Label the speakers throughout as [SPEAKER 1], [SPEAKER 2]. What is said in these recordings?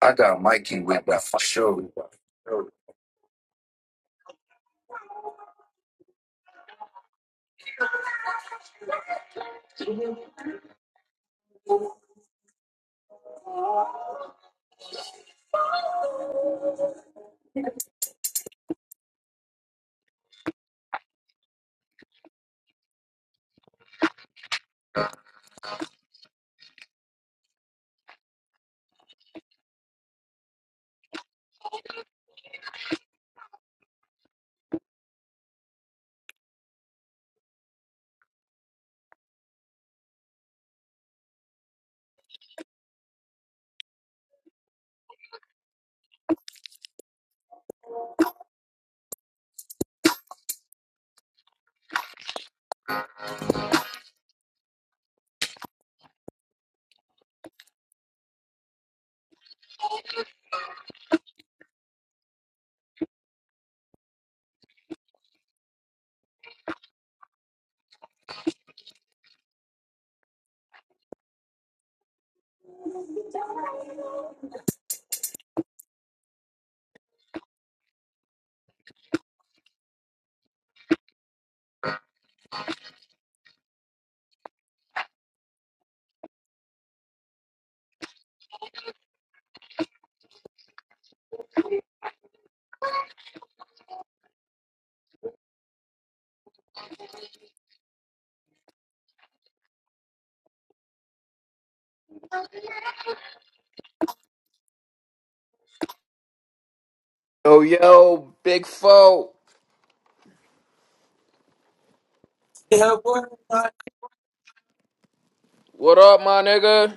[SPEAKER 1] I got Mikey with that for sure.
[SPEAKER 2] Yo, yo, big folk.
[SPEAKER 1] Yeah, boy, i
[SPEAKER 2] What up, my nigga?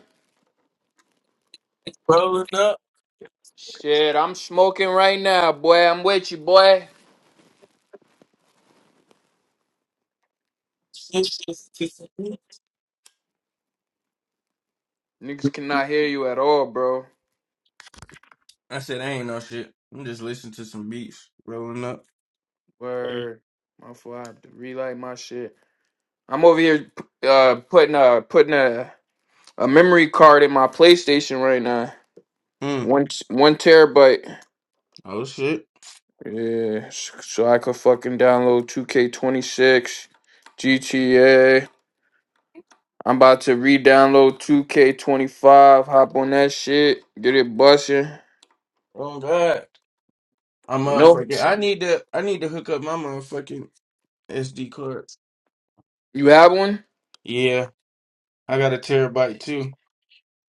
[SPEAKER 1] rolling up.
[SPEAKER 2] Shit, I'm smoking right now, boy. I'm with you, boy.
[SPEAKER 1] Shit, listen to some music.
[SPEAKER 2] Niggas cannot hear you at all, bro.
[SPEAKER 1] I said, I ain't no shit. I'm just listening to some beats rolling up.
[SPEAKER 2] Word. My fault. I have to relight my shit. I'm over here p- uh, putting a putting a, a memory card in my PlayStation right now.
[SPEAKER 1] Mm.
[SPEAKER 2] One t- one terabyte.
[SPEAKER 1] Oh shit.
[SPEAKER 2] Yeah, s- so I could fucking download 2K26, GTA. I'm about to re-download 2K25. Hop on that shit. Get it busting.
[SPEAKER 1] Oh god. I'm
[SPEAKER 2] You know,
[SPEAKER 1] motherfucking. I need to. I need to hook up my motherfucking SD card.
[SPEAKER 2] you have one.
[SPEAKER 1] Yeah, I got a terabyte too.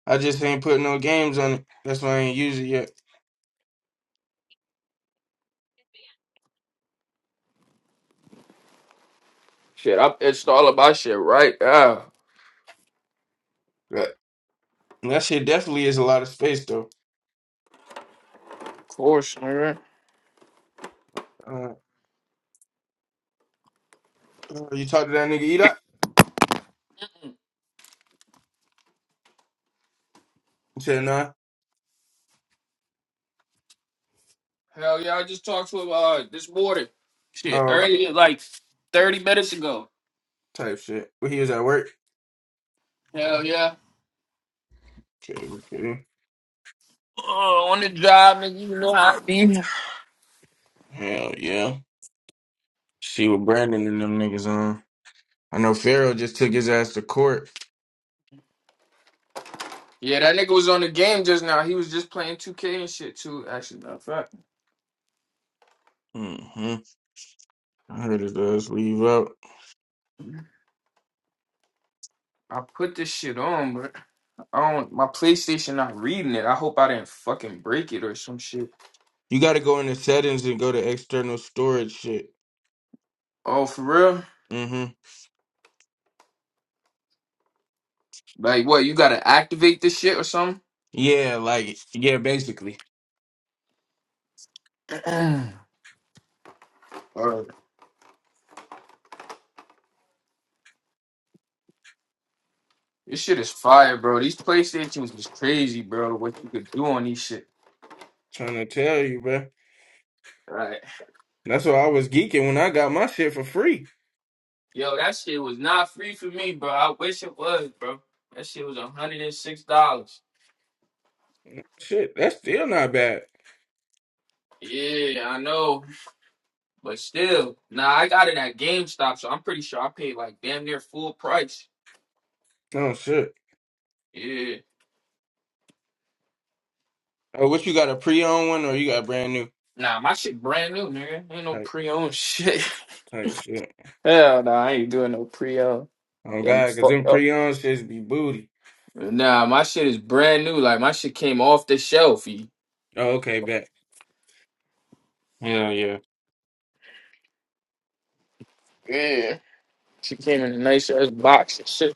[SPEAKER 1] I just ain't put no games on it. That's why I ain't use it yet.
[SPEAKER 2] Shit, I pitched all of my shit right. Yeah,
[SPEAKER 1] But that shit definitely is a lot of space though.
[SPEAKER 2] of course, nigga.
[SPEAKER 1] Uh, uh, you talk to that nigga Edot? He said nah.
[SPEAKER 2] Hell yeah, I just talked to him uh this morning. Shit,
[SPEAKER 1] Oh,
[SPEAKER 2] earlier like 30 minutes ago.
[SPEAKER 1] type shit. But he was at work.
[SPEAKER 2] Hell yeah.
[SPEAKER 1] Shit, okay.
[SPEAKER 2] Oh, on the job, nigga, you know how I be.
[SPEAKER 1] Hell yeah. See what Brandon and them niggas on. I know Pharaoh just took his ass to court.
[SPEAKER 2] Yeah, that nigga was on the game just now. He was just playing 2K and shit too. Actually, matter of fact,
[SPEAKER 1] hmm I heard his ass leave out.
[SPEAKER 2] I put this shit on, bro. I don't. My PlayStation not reading it. I hope I didn't fucking break it or some shit.
[SPEAKER 1] You got to go into settings and go to external storage shit.
[SPEAKER 2] Oh, for real?
[SPEAKER 1] hmm
[SPEAKER 2] Like what? You gotta activate this shit or something?
[SPEAKER 1] Yeah, like yeah, basically.
[SPEAKER 2] Alright. This shit is fire, bro. These PlayStations is crazy, bro. What you could do on these shit.
[SPEAKER 1] Trying to tell you, bro.
[SPEAKER 2] Right.
[SPEAKER 1] That's why I was geeking when I got my shit for free.
[SPEAKER 2] Yo, that shit was not free for me, bro. I wish it was, bro. That shit was hundred and six dollars.
[SPEAKER 1] Shit, that's still not bad.
[SPEAKER 2] Yeah, I know. But still, nah, I got it at GameStop, so I'm pretty sure I paid like damn near full price.
[SPEAKER 1] No shit.
[SPEAKER 2] Yeah.
[SPEAKER 1] Oh, what you got a pre-owned one or you got brand new
[SPEAKER 2] Nah, my shit brand new, nigga. Ain't no
[SPEAKER 1] type
[SPEAKER 2] pre-owned shit.
[SPEAKER 1] type shit?
[SPEAKER 2] Hell nah, I ain't doing no pre-owned.
[SPEAKER 1] Oh
[SPEAKER 2] I'm
[SPEAKER 1] God, cause
[SPEAKER 2] fucked
[SPEAKER 1] them
[SPEAKER 2] up.
[SPEAKER 1] pre-owned shits be booty.
[SPEAKER 2] Nah, my shit is brand new. Like my shit came off the shelf. E.
[SPEAKER 1] Oh, okay, bet. Yeah, yeah.
[SPEAKER 2] Yeah. She came in a nice ass box and shit.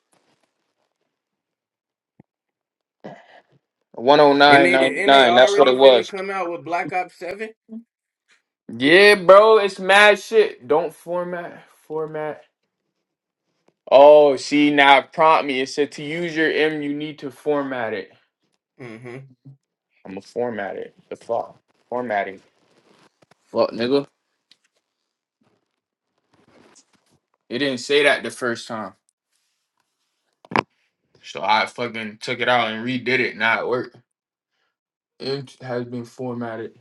[SPEAKER 2] One oh
[SPEAKER 1] And
[SPEAKER 2] nine
[SPEAKER 1] they did,
[SPEAKER 2] ninety
[SPEAKER 1] and they
[SPEAKER 2] nine. That's what it
[SPEAKER 1] already finna
[SPEAKER 2] was.
[SPEAKER 1] come out with Black Ops Seven.
[SPEAKER 2] Yeah, bro. It's mad shit. Don't format. Format. Oh, see now it prompt me. It said to use your M, you need to format it.
[SPEAKER 1] Mm-hmm.
[SPEAKER 2] I'ma format it. The fuck. Formatting. Fuck, nigga. It didn't say that the first time. So I fucking took it out and redid it. Now it worked. It has been formatted.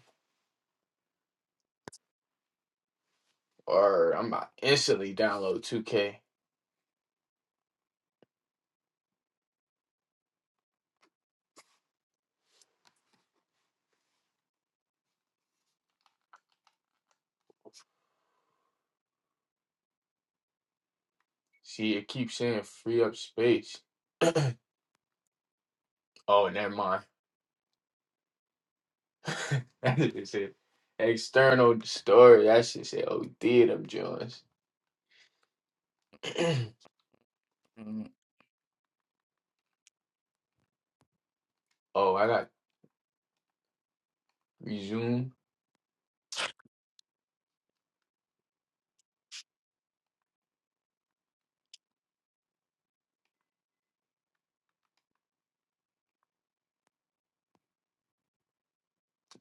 [SPEAKER 2] Or I'm about to instantly download 2K. See, it keeps saying free up space. Oh, never mind. that is it. External storage. That shit said OD them joints.
[SPEAKER 1] Mm.
[SPEAKER 2] oh, I got resume.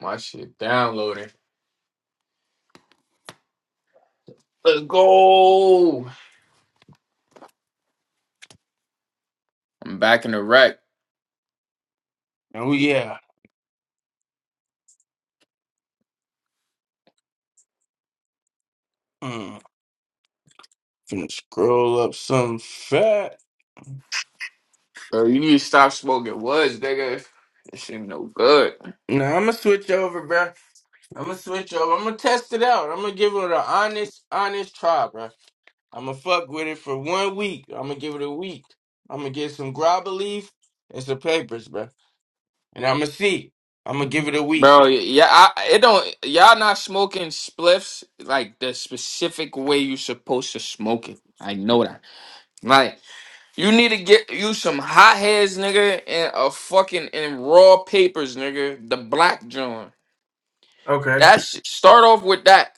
[SPEAKER 2] My shit downloading. Let's go. I'm back in the wreck.
[SPEAKER 1] Oh yeah. Mm. Finna scroll up some fat.
[SPEAKER 2] Bro, you need to stop smoking woods, nigga. This shit no good.
[SPEAKER 1] Nah, I'm gonna switch over, bro. I'm gonna switch over. I'm gonna test it out. I'm gonna give it an honest, honest try, bro. I'm gonna fuck with it for one week. I'm gonna give it a week. I'm gonna get some grabber leaf and some papers, bro. And I'm gonna see. I'm gonna give it a week.
[SPEAKER 2] Bro, yeah, I, it don't. Y'all not smoking spliffs like the specific way you supposed to smoke it. I know that. Like, you need to get you some hot heads, nigga, and a fucking and raw papers, nigga. The black joint.
[SPEAKER 1] Okay.
[SPEAKER 2] That's start off with that.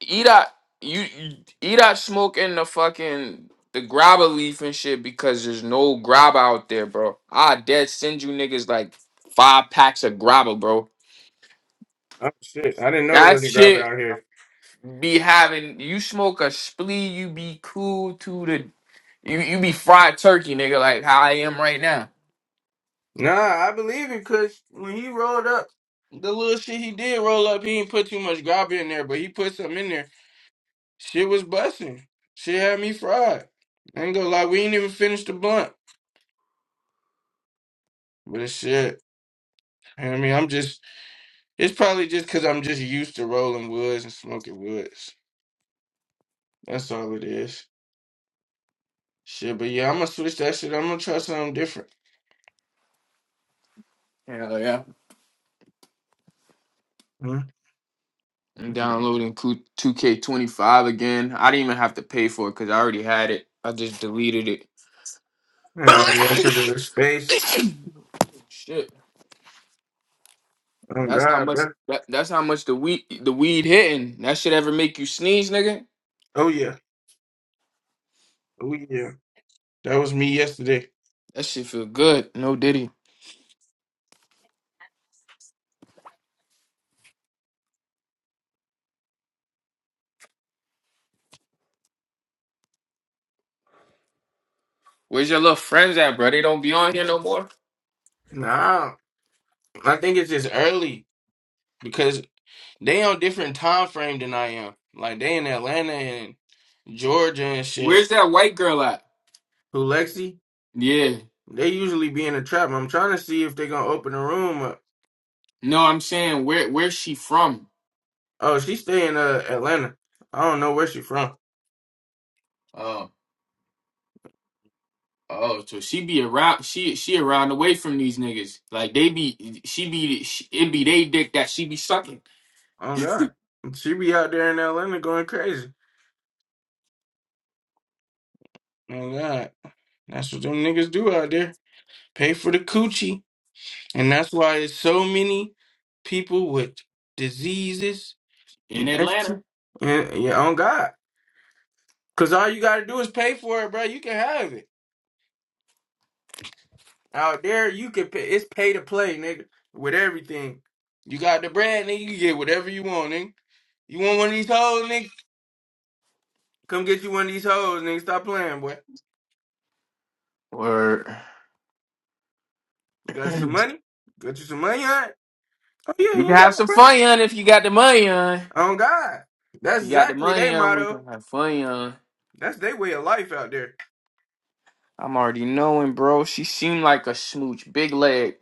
[SPEAKER 2] Eat out. You, you eat out smoking the fucking the grabber leaf and shit because there's no grabber out there, bro. I dead send you niggas like five packs of grabber, bro.
[SPEAKER 1] Oh shit! I didn't know it
[SPEAKER 2] That
[SPEAKER 1] was a grabber
[SPEAKER 2] shit
[SPEAKER 1] out here.
[SPEAKER 2] be having you smoke a splee, you be cool to the you you be fried turkey, nigga, like how I am right now.
[SPEAKER 1] Nah, I believe it because when he rolled up, the little shit he did roll up, he didn't put too much garbage in there, but he put something in there. Shit was busting. Shit had me fried. I ain't gonna lie, we ain't even finished the blunt. But it's shit. I mean, I'm just, it's probably just because I'm just used to rolling woods and smoking woods. That's all it is. Shit, but yeah, I'm gonna switch that shit. I'm gonna try something different.
[SPEAKER 2] Hell yeah.
[SPEAKER 1] Hmm?
[SPEAKER 2] I'm downloading two K twenty five again. I didn't even have to pay for it because I already had it. I just deleted it.
[SPEAKER 1] Yeah, yeah, because of the space.
[SPEAKER 2] Shit.
[SPEAKER 1] Oh,
[SPEAKER 2] That's how
[SPEAKER 1] God,
[SPEAKER 2] much
[SPEAKER 1] bro.
[SPEAKER 2] that, that's how much the weed the weed hitting. That shit ever make you sneeze, nigga?
[SPEAKER 1] Oh, yeah. Oh, yeah. That was me yesterday.
[SPEAKER 2] That shit feel good. No diddy. Where's your little friends at, bro? They don't be on here no more.
[SPEAKER 1] Nah. I think it's just early because they on different time frame than I am. Like they in Atlanta and Georgia and shit.
[SPEAKER 2] Where's that white girl at?
[SPEAKER 1] Who Lexi?
[SPEAKER 2] Yeah.
[SPEAKER 1] They usually be in a trap. I'm trying to see if they gonna open a room. Up.
[SPEAKER 2] No, I'm saying where where's she from?
[SPEAKER 1] Oh, she stay in uh, Atlanta. I don't know where she from.
[SPEAKER 2] Uh oh, so she be around she she around away from these niggas. Like they be she be she, it be they dick that she be sucking
[SPEAKER 1] Oh God, she be out there in Atlanta going crazy. Oh God, that's what them niggas do out there. Pay for the coochie, and that's why it's so many people with diseases.
[SPEAKER 2] in
[SPEAKER 1] And
[SPEAKER 2] Atlanta.
[SPEAKER 1] yeah, on God. Cause all you gotta do is pay for it, bro. You can have it out there. You can pay. It's pay to play, nigga. With everything, you got the bread, nigga. You can get whatever you want, nigga. You want one of these hoes, nigga? Come get you one of these hoes, nigga. Stop playing, boy.
[SPEAKER 2] Or
[SPEAKER 1] You
[SPEAKER 2] we
[SPEAKER 1] got some
[SPEAKER 2] can
[SPEAKER 1] money? Got you some money, all right? Oh yeah, you ain't got
[SPEAKER 2] have
[SPEAKER 1] no
[SPEAKER 2] some
[SPEAKER 1] problem.
[SPEAKER 2] fun on if you got the money on.
[SPEAKER 1] Oh God,
[SPEAKER 2] If
[SPEAKER 1] that's
[SPEAKER 2] you got the
[SPEAKER 1] exactly their
[SPEAKER 2] money on, we can
[SPEAKER 1] motto.
[SPEAKER 2] have fun on.
[SPEAKER 1] That's their way of life out there.
[SPEAKER 2] I'm already knowing, bro. She seemed like a smooch, big leg,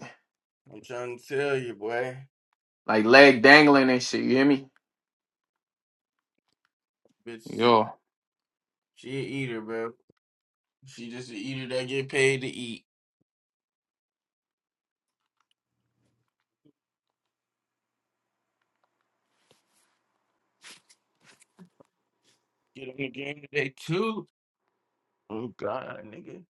[SPEAKER 1] I'm trying to tell you, boy.
[SPEAKER 2] like leg dangling and shit. You hear me?
[SPEAKER 1] Bitch, is a-
[SPEAKER 2] Yo.
[SPEAKER 1] she a eater, bro. She just an eater that get paid to eat. Get on the game today too. Oh God, nigga.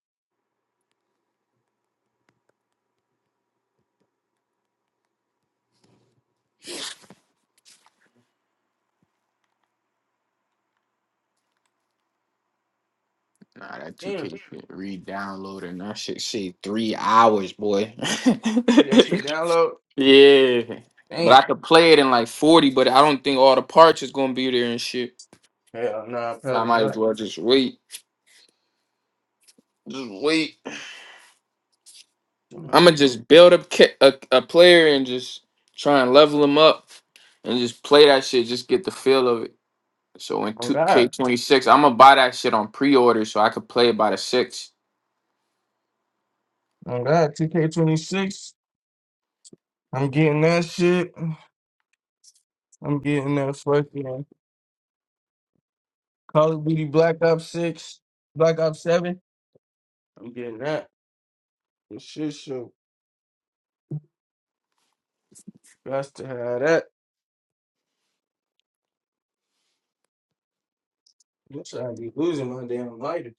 [SPEAKER 2] Nah, that 2K
[SPEAKER 1] Damn.
[SPEAKER 2] shit, re-download and that shit, shit, three hours, boy.
[SPEAKER 1] See that shit download?
[SPEAKER 2] yeah. But
[SPEAKER 1] Damn.
[SPEAKER 2] I could play it in like 40, but I don't think all the parts is gonna be there and shit.
[SPEAKER 1] Hell no,
[SPEAKER 2] So I
[SPEAKER 1] probably
[SPEAKER 2] might as
[SPEAKER 1] not.
[SPEAKER 2] well just wait. Just wait. I'ma just build up ca- a, a player and just try and level him up and just play that shit, just get the feel of it. So in
[SPEAKER 1] Oh God.
[SPEAKER 2] 2K26, I'ma buy that shit on pre-order so I could play it by the 6.
[SPEAKER 1] Oh God, 2K26. I'm getting that shit. I'm getting that fucking Call of Duty Black Ops 6, Black Ops 7. I'm getting that. The shit show. Got to have that. I'm trying to be losing my damn lighter.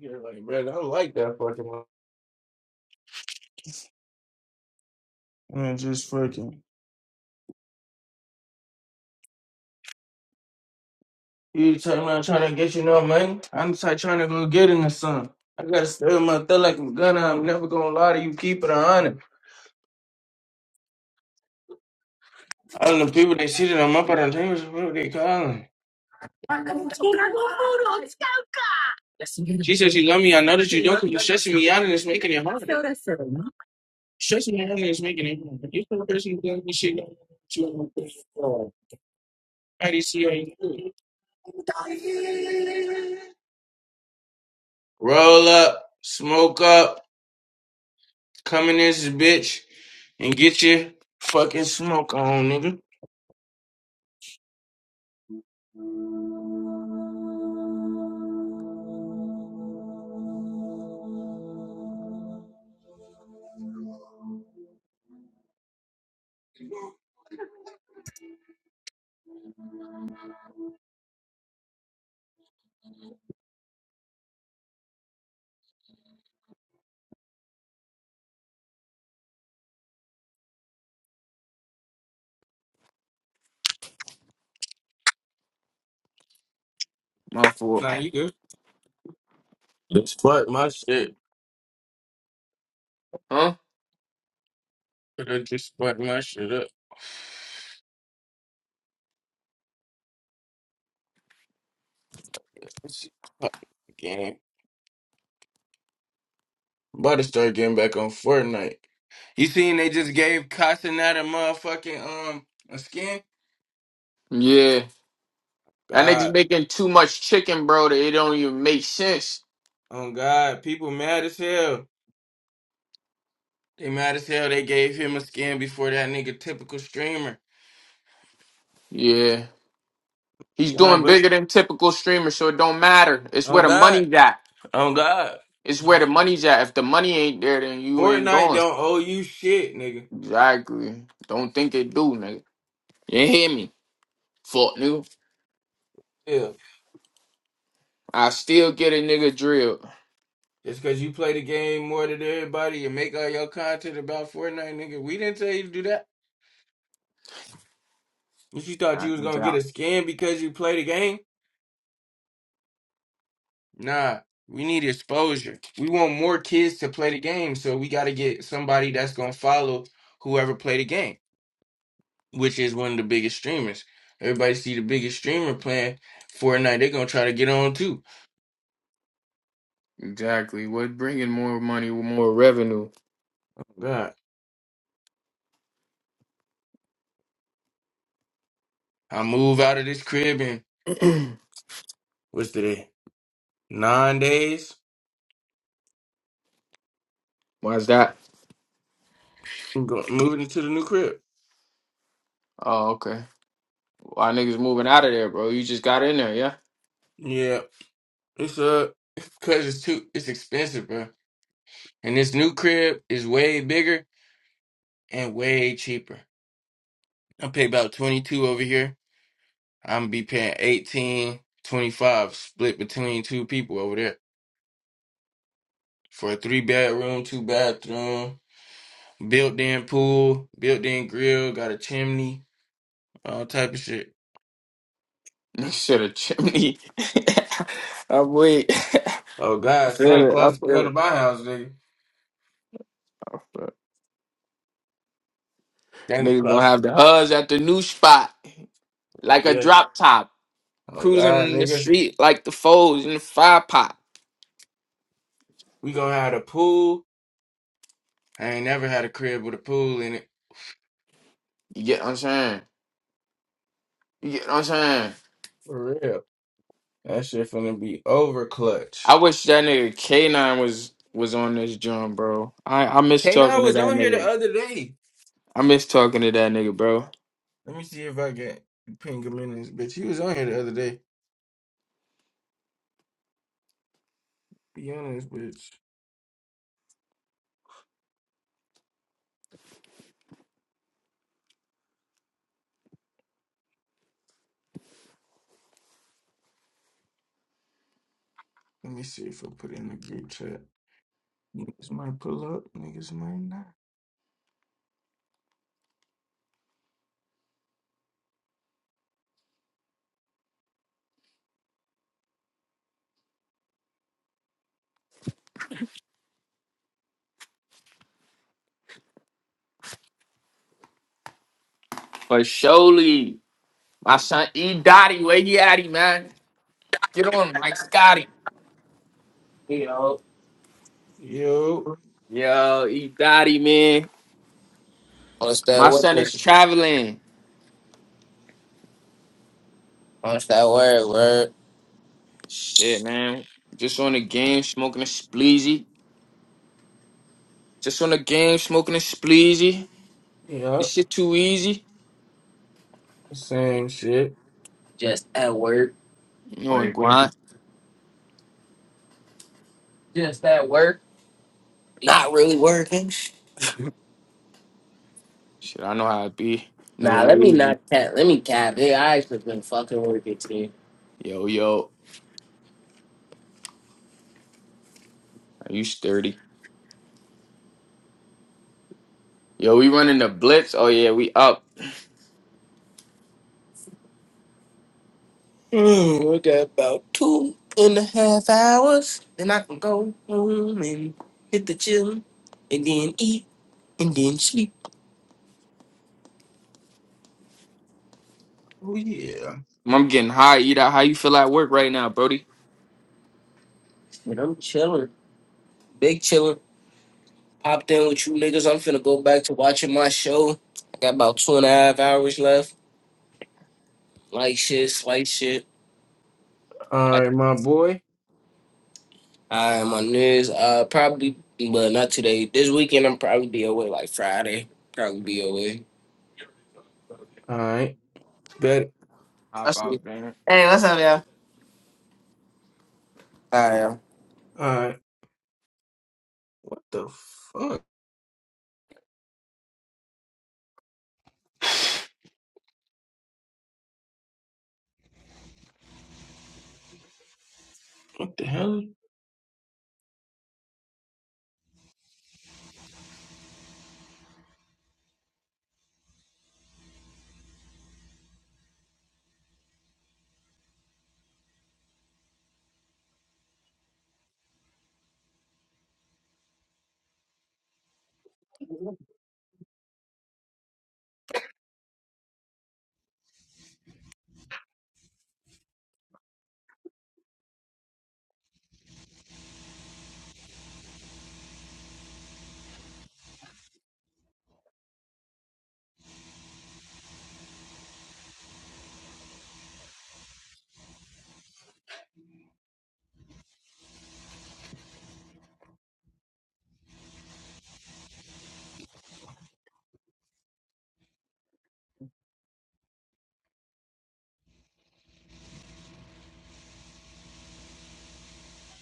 [SPEAKER 1] Yeah, Like, bro, I don't like that fucking one. You talking about trying to get you no money? I'm just like, trying to go get in the sun. I gotta stay with my thug like I'm gonna. I'm never gonna lie to you. Keep it a hundred. All the people they see that I'm up on the tables, what they calling? She said she love me. I know that you don't, cause you're stressing me out and it's making it hard. Stressing me out and it's making it hard. You are the person who does this shit. you know, you want to push forward. I already see how you do it. Roll up, smoke up. Come in this bitch and get your fucking smoke on, nigga.
[SPEAKER 2] My fault.
[SPEAKER 1] Nah, you good. Just fuck my shit.
[SPEAKER 2] Huh?
[SPEAKER 1] Coulda Just fuck my shit up. This Shit, fuck Again. About to start getting back on Fortnite. You seen they just gave Casanata motherfucking um a skin?
[SPEAKER 2] Yeah. That
[SPEAKER 1] God,
[SPEAKER 2] nigga's making too much chicken, bro. That it don't even make sense.
[SPEAKER 1] oh God, people mad as hell. They mad as hell. They gave him a skin before that nigga typical streamer.
[SPEAKER 2] Yeah, he's
[SPEAKER 1] God,
[SPEAKER 2] doing
[SPEAKER 1] but
[SPEAKER 2] bigger than typical streamers, so it don't matter. It's where
[SPEAKER 1] on
[SPEAKER 2] the
[SPEAKER 1] God,
[SPEAKER 2] money's at.
[SPEAKER 1] on God.
[SPEAKER 2] It's where the money's at. If the money ain't there, then you ain't
[SPEAKER 1] Fortnite
[SPEAKER 2] going.
[SPEAKER 1] don't owe you shit, nigga.
[SPEAKER 2] Exactly. Don't think it do, nigga. You hear me? Fuck, nigga.
[SPEAKER 1] Yeah.
[SPEAKER 2] I still get a nigga drilled.
[SPEAKER 1] Just cause you play the game more than everybody and make all your content about Fortnite, nigga. We didn't tell you to do that. If you thought you
[SPEAKER 2] Alright,
[SPEAKER 1] was
[SPEAKER 2] no
[SPEAKER 1] gonna get
[SPEAKER 2] doubt.
[SPEAKER 1] a skin because you play the game, nah. We need exposure. We want more kids to play the game, so we gotta get somebody that's gonna follow whoever play the game, which is one of the biggest streamers. Everybody see the biggest streamer playing Fortnite, they gonna try to get on too.
[SPEAKER 2] Exactly. What bringing more money, more revenue?
[SPEAKER 1] God. I move out of this crib in what's today? Nine days?
[SPEAKER 2] Why's that?
[SPEAKER 1] Go, moving into the new crib.
[SPEAKER 2] Oh, okay. Why niggas moving out of there, bro? You just got in there, yeah.
[SPEAKER 1] Yeah, it's uh, cause it's too it's expensive, bro. And this new crib is way bigger and way cheaper. I pay about twenty two over here. I'm be paying 18 25 split between two people over there for a three bedroom, two bathroom, built in pool, built in grill, got a chimney, all type of shit.
[SPEAKER 2] Should have chimney. I'm weak. I
[SPEAKER 1] Oh God,
[SPEAKER 2] feel
[SPEAKER 1] Santa
[SPEAKER 2] it. I
[SPEAKER 1] Claus can come
[SPEAKER 2] feel
[SPEAKER 1] to
[SPEAKER 2] it.
[SPEAKER 1] my house, nigga.
[SPEAKER 2] I feel it.
[SPEAKER 1] Santa
[SPEAKER 2] Nigga gonna
[SPEAKER 1] Claus,
[SPEAKER 2] have the huzz at the new spot,
[SPEAKER 1] oh,
[SPEAKER 2] like a
[SPEAKER 1] yeah.
[SPEAKER 2] drop top,
[SPEAKER 1] Oh
[SPEAKER 2] cruising
[SPEAKER 1] God,
[SPEAKER 2] in the
[SPEAKER 1] nigga,
[SPEAKER 2] street like the foes in the fire pot.
[SPEAKER 1] we gonna have a pool. I ain't never had a crib with a pool in it.
[SPEAKER 2] You get what I'm saying? You get what I'm saying?
[SPEAKER 1] For real. That shit finna be over
[SPEAKER 2] I
[SPEAKER 1] clutch.
[SPEAKER 2] wish that nigga K9 was was on this joint, bro. I I miss
[SPEAKER 1] Hey, no, I
[SPEAKER 2] talking to
[SPEAKER 1] was
[SPEAKER 2] that
[SPEAKER 1] on here the
[SPEAKER 2] nigga.
[SPEAKER 1] other day.
[SPEAKER 2] I miss talking to that nigga, bro.
[SPEAKER 1] Let me see if I can ping him in this bitch. He was on here the other day. Be honest, bitch. Let me see if I put it in the group chat. Niggas might pull up, niggas might not.
[SPEAKER 2] But surely, my son E Dotty, where you at, he, man? Get on him like Scotty.
[SPEAKER 3] You know,
[SPEAKER 1] Yo,
[SPEAKER 2] Yo, E Dotty, man.
[SPEAKER 3] What's that
[SPEAKER 2] My son is
[SPEAKER 3] word?
[SPEAKER 2] traveling.
[SPEAKER 3] What's that word? Word.
[SPEAKER 2] Shit, man. Just on the game, smoking a spleezy. Just on the game, smoking a spleezy.
[SPEAKER 1] yeah,
[SPEAKER 2] This shit too easy.
[SPEAKER 1] same shit.
[SPEAKER 3] just at work.
[SPEAKER 2] You know it,
[SPEAKER 3] Working.
[SPEAKER 2] grind.
[SPEAKER 3] Just at work. Not really working.
[SPEAKER 2] Shit, I know how it be.
[SPEAKER 3] Nah,
[SPEAKER 2] Nigga
[SPEAKER 3] let me
[SPEAKER 2] lazy.
[SPEAKER 3] not cap. Let me cap. Hey, I actually been fucking working today.
[SPEAKER 2] Yo, yo. Are you sturdy? Yo, we running the blitz. Oh, yeah, we up.
[SPEAKER 3] Hmm, I got about two and a half hours. Then I can go home and hit the gym, and then eat, and then sleep.
[SPEAKER 1] Oh, yeah.
[SPEAKER 2] I'm getting high, E Dot. How you feel at work right now, Brody?
[SPEAKER 3] And I'm chilling. Big chilling. Popped in with you niggas. I'm finna go back to watching my show. I got about two and a half hours left. Light shit, slice shit. I,
[SPEAKER 1] All right, my boy.
[SPEAKER 3] I am on Uh, probably, but not today. This weekend, I'm probably be away. Like Friday, probably be away.
[SPEAKER 1] All right, bet.
[SPEAKER 3] I
[SPEAKER 2] Hop
[SPEAKER 3] see.
[SPEAKER 2] out, man.
[SPEAKER 3] Hey, what's up, y'all? All right.
[SPEAKER 1] All right. What the fuck? What the hell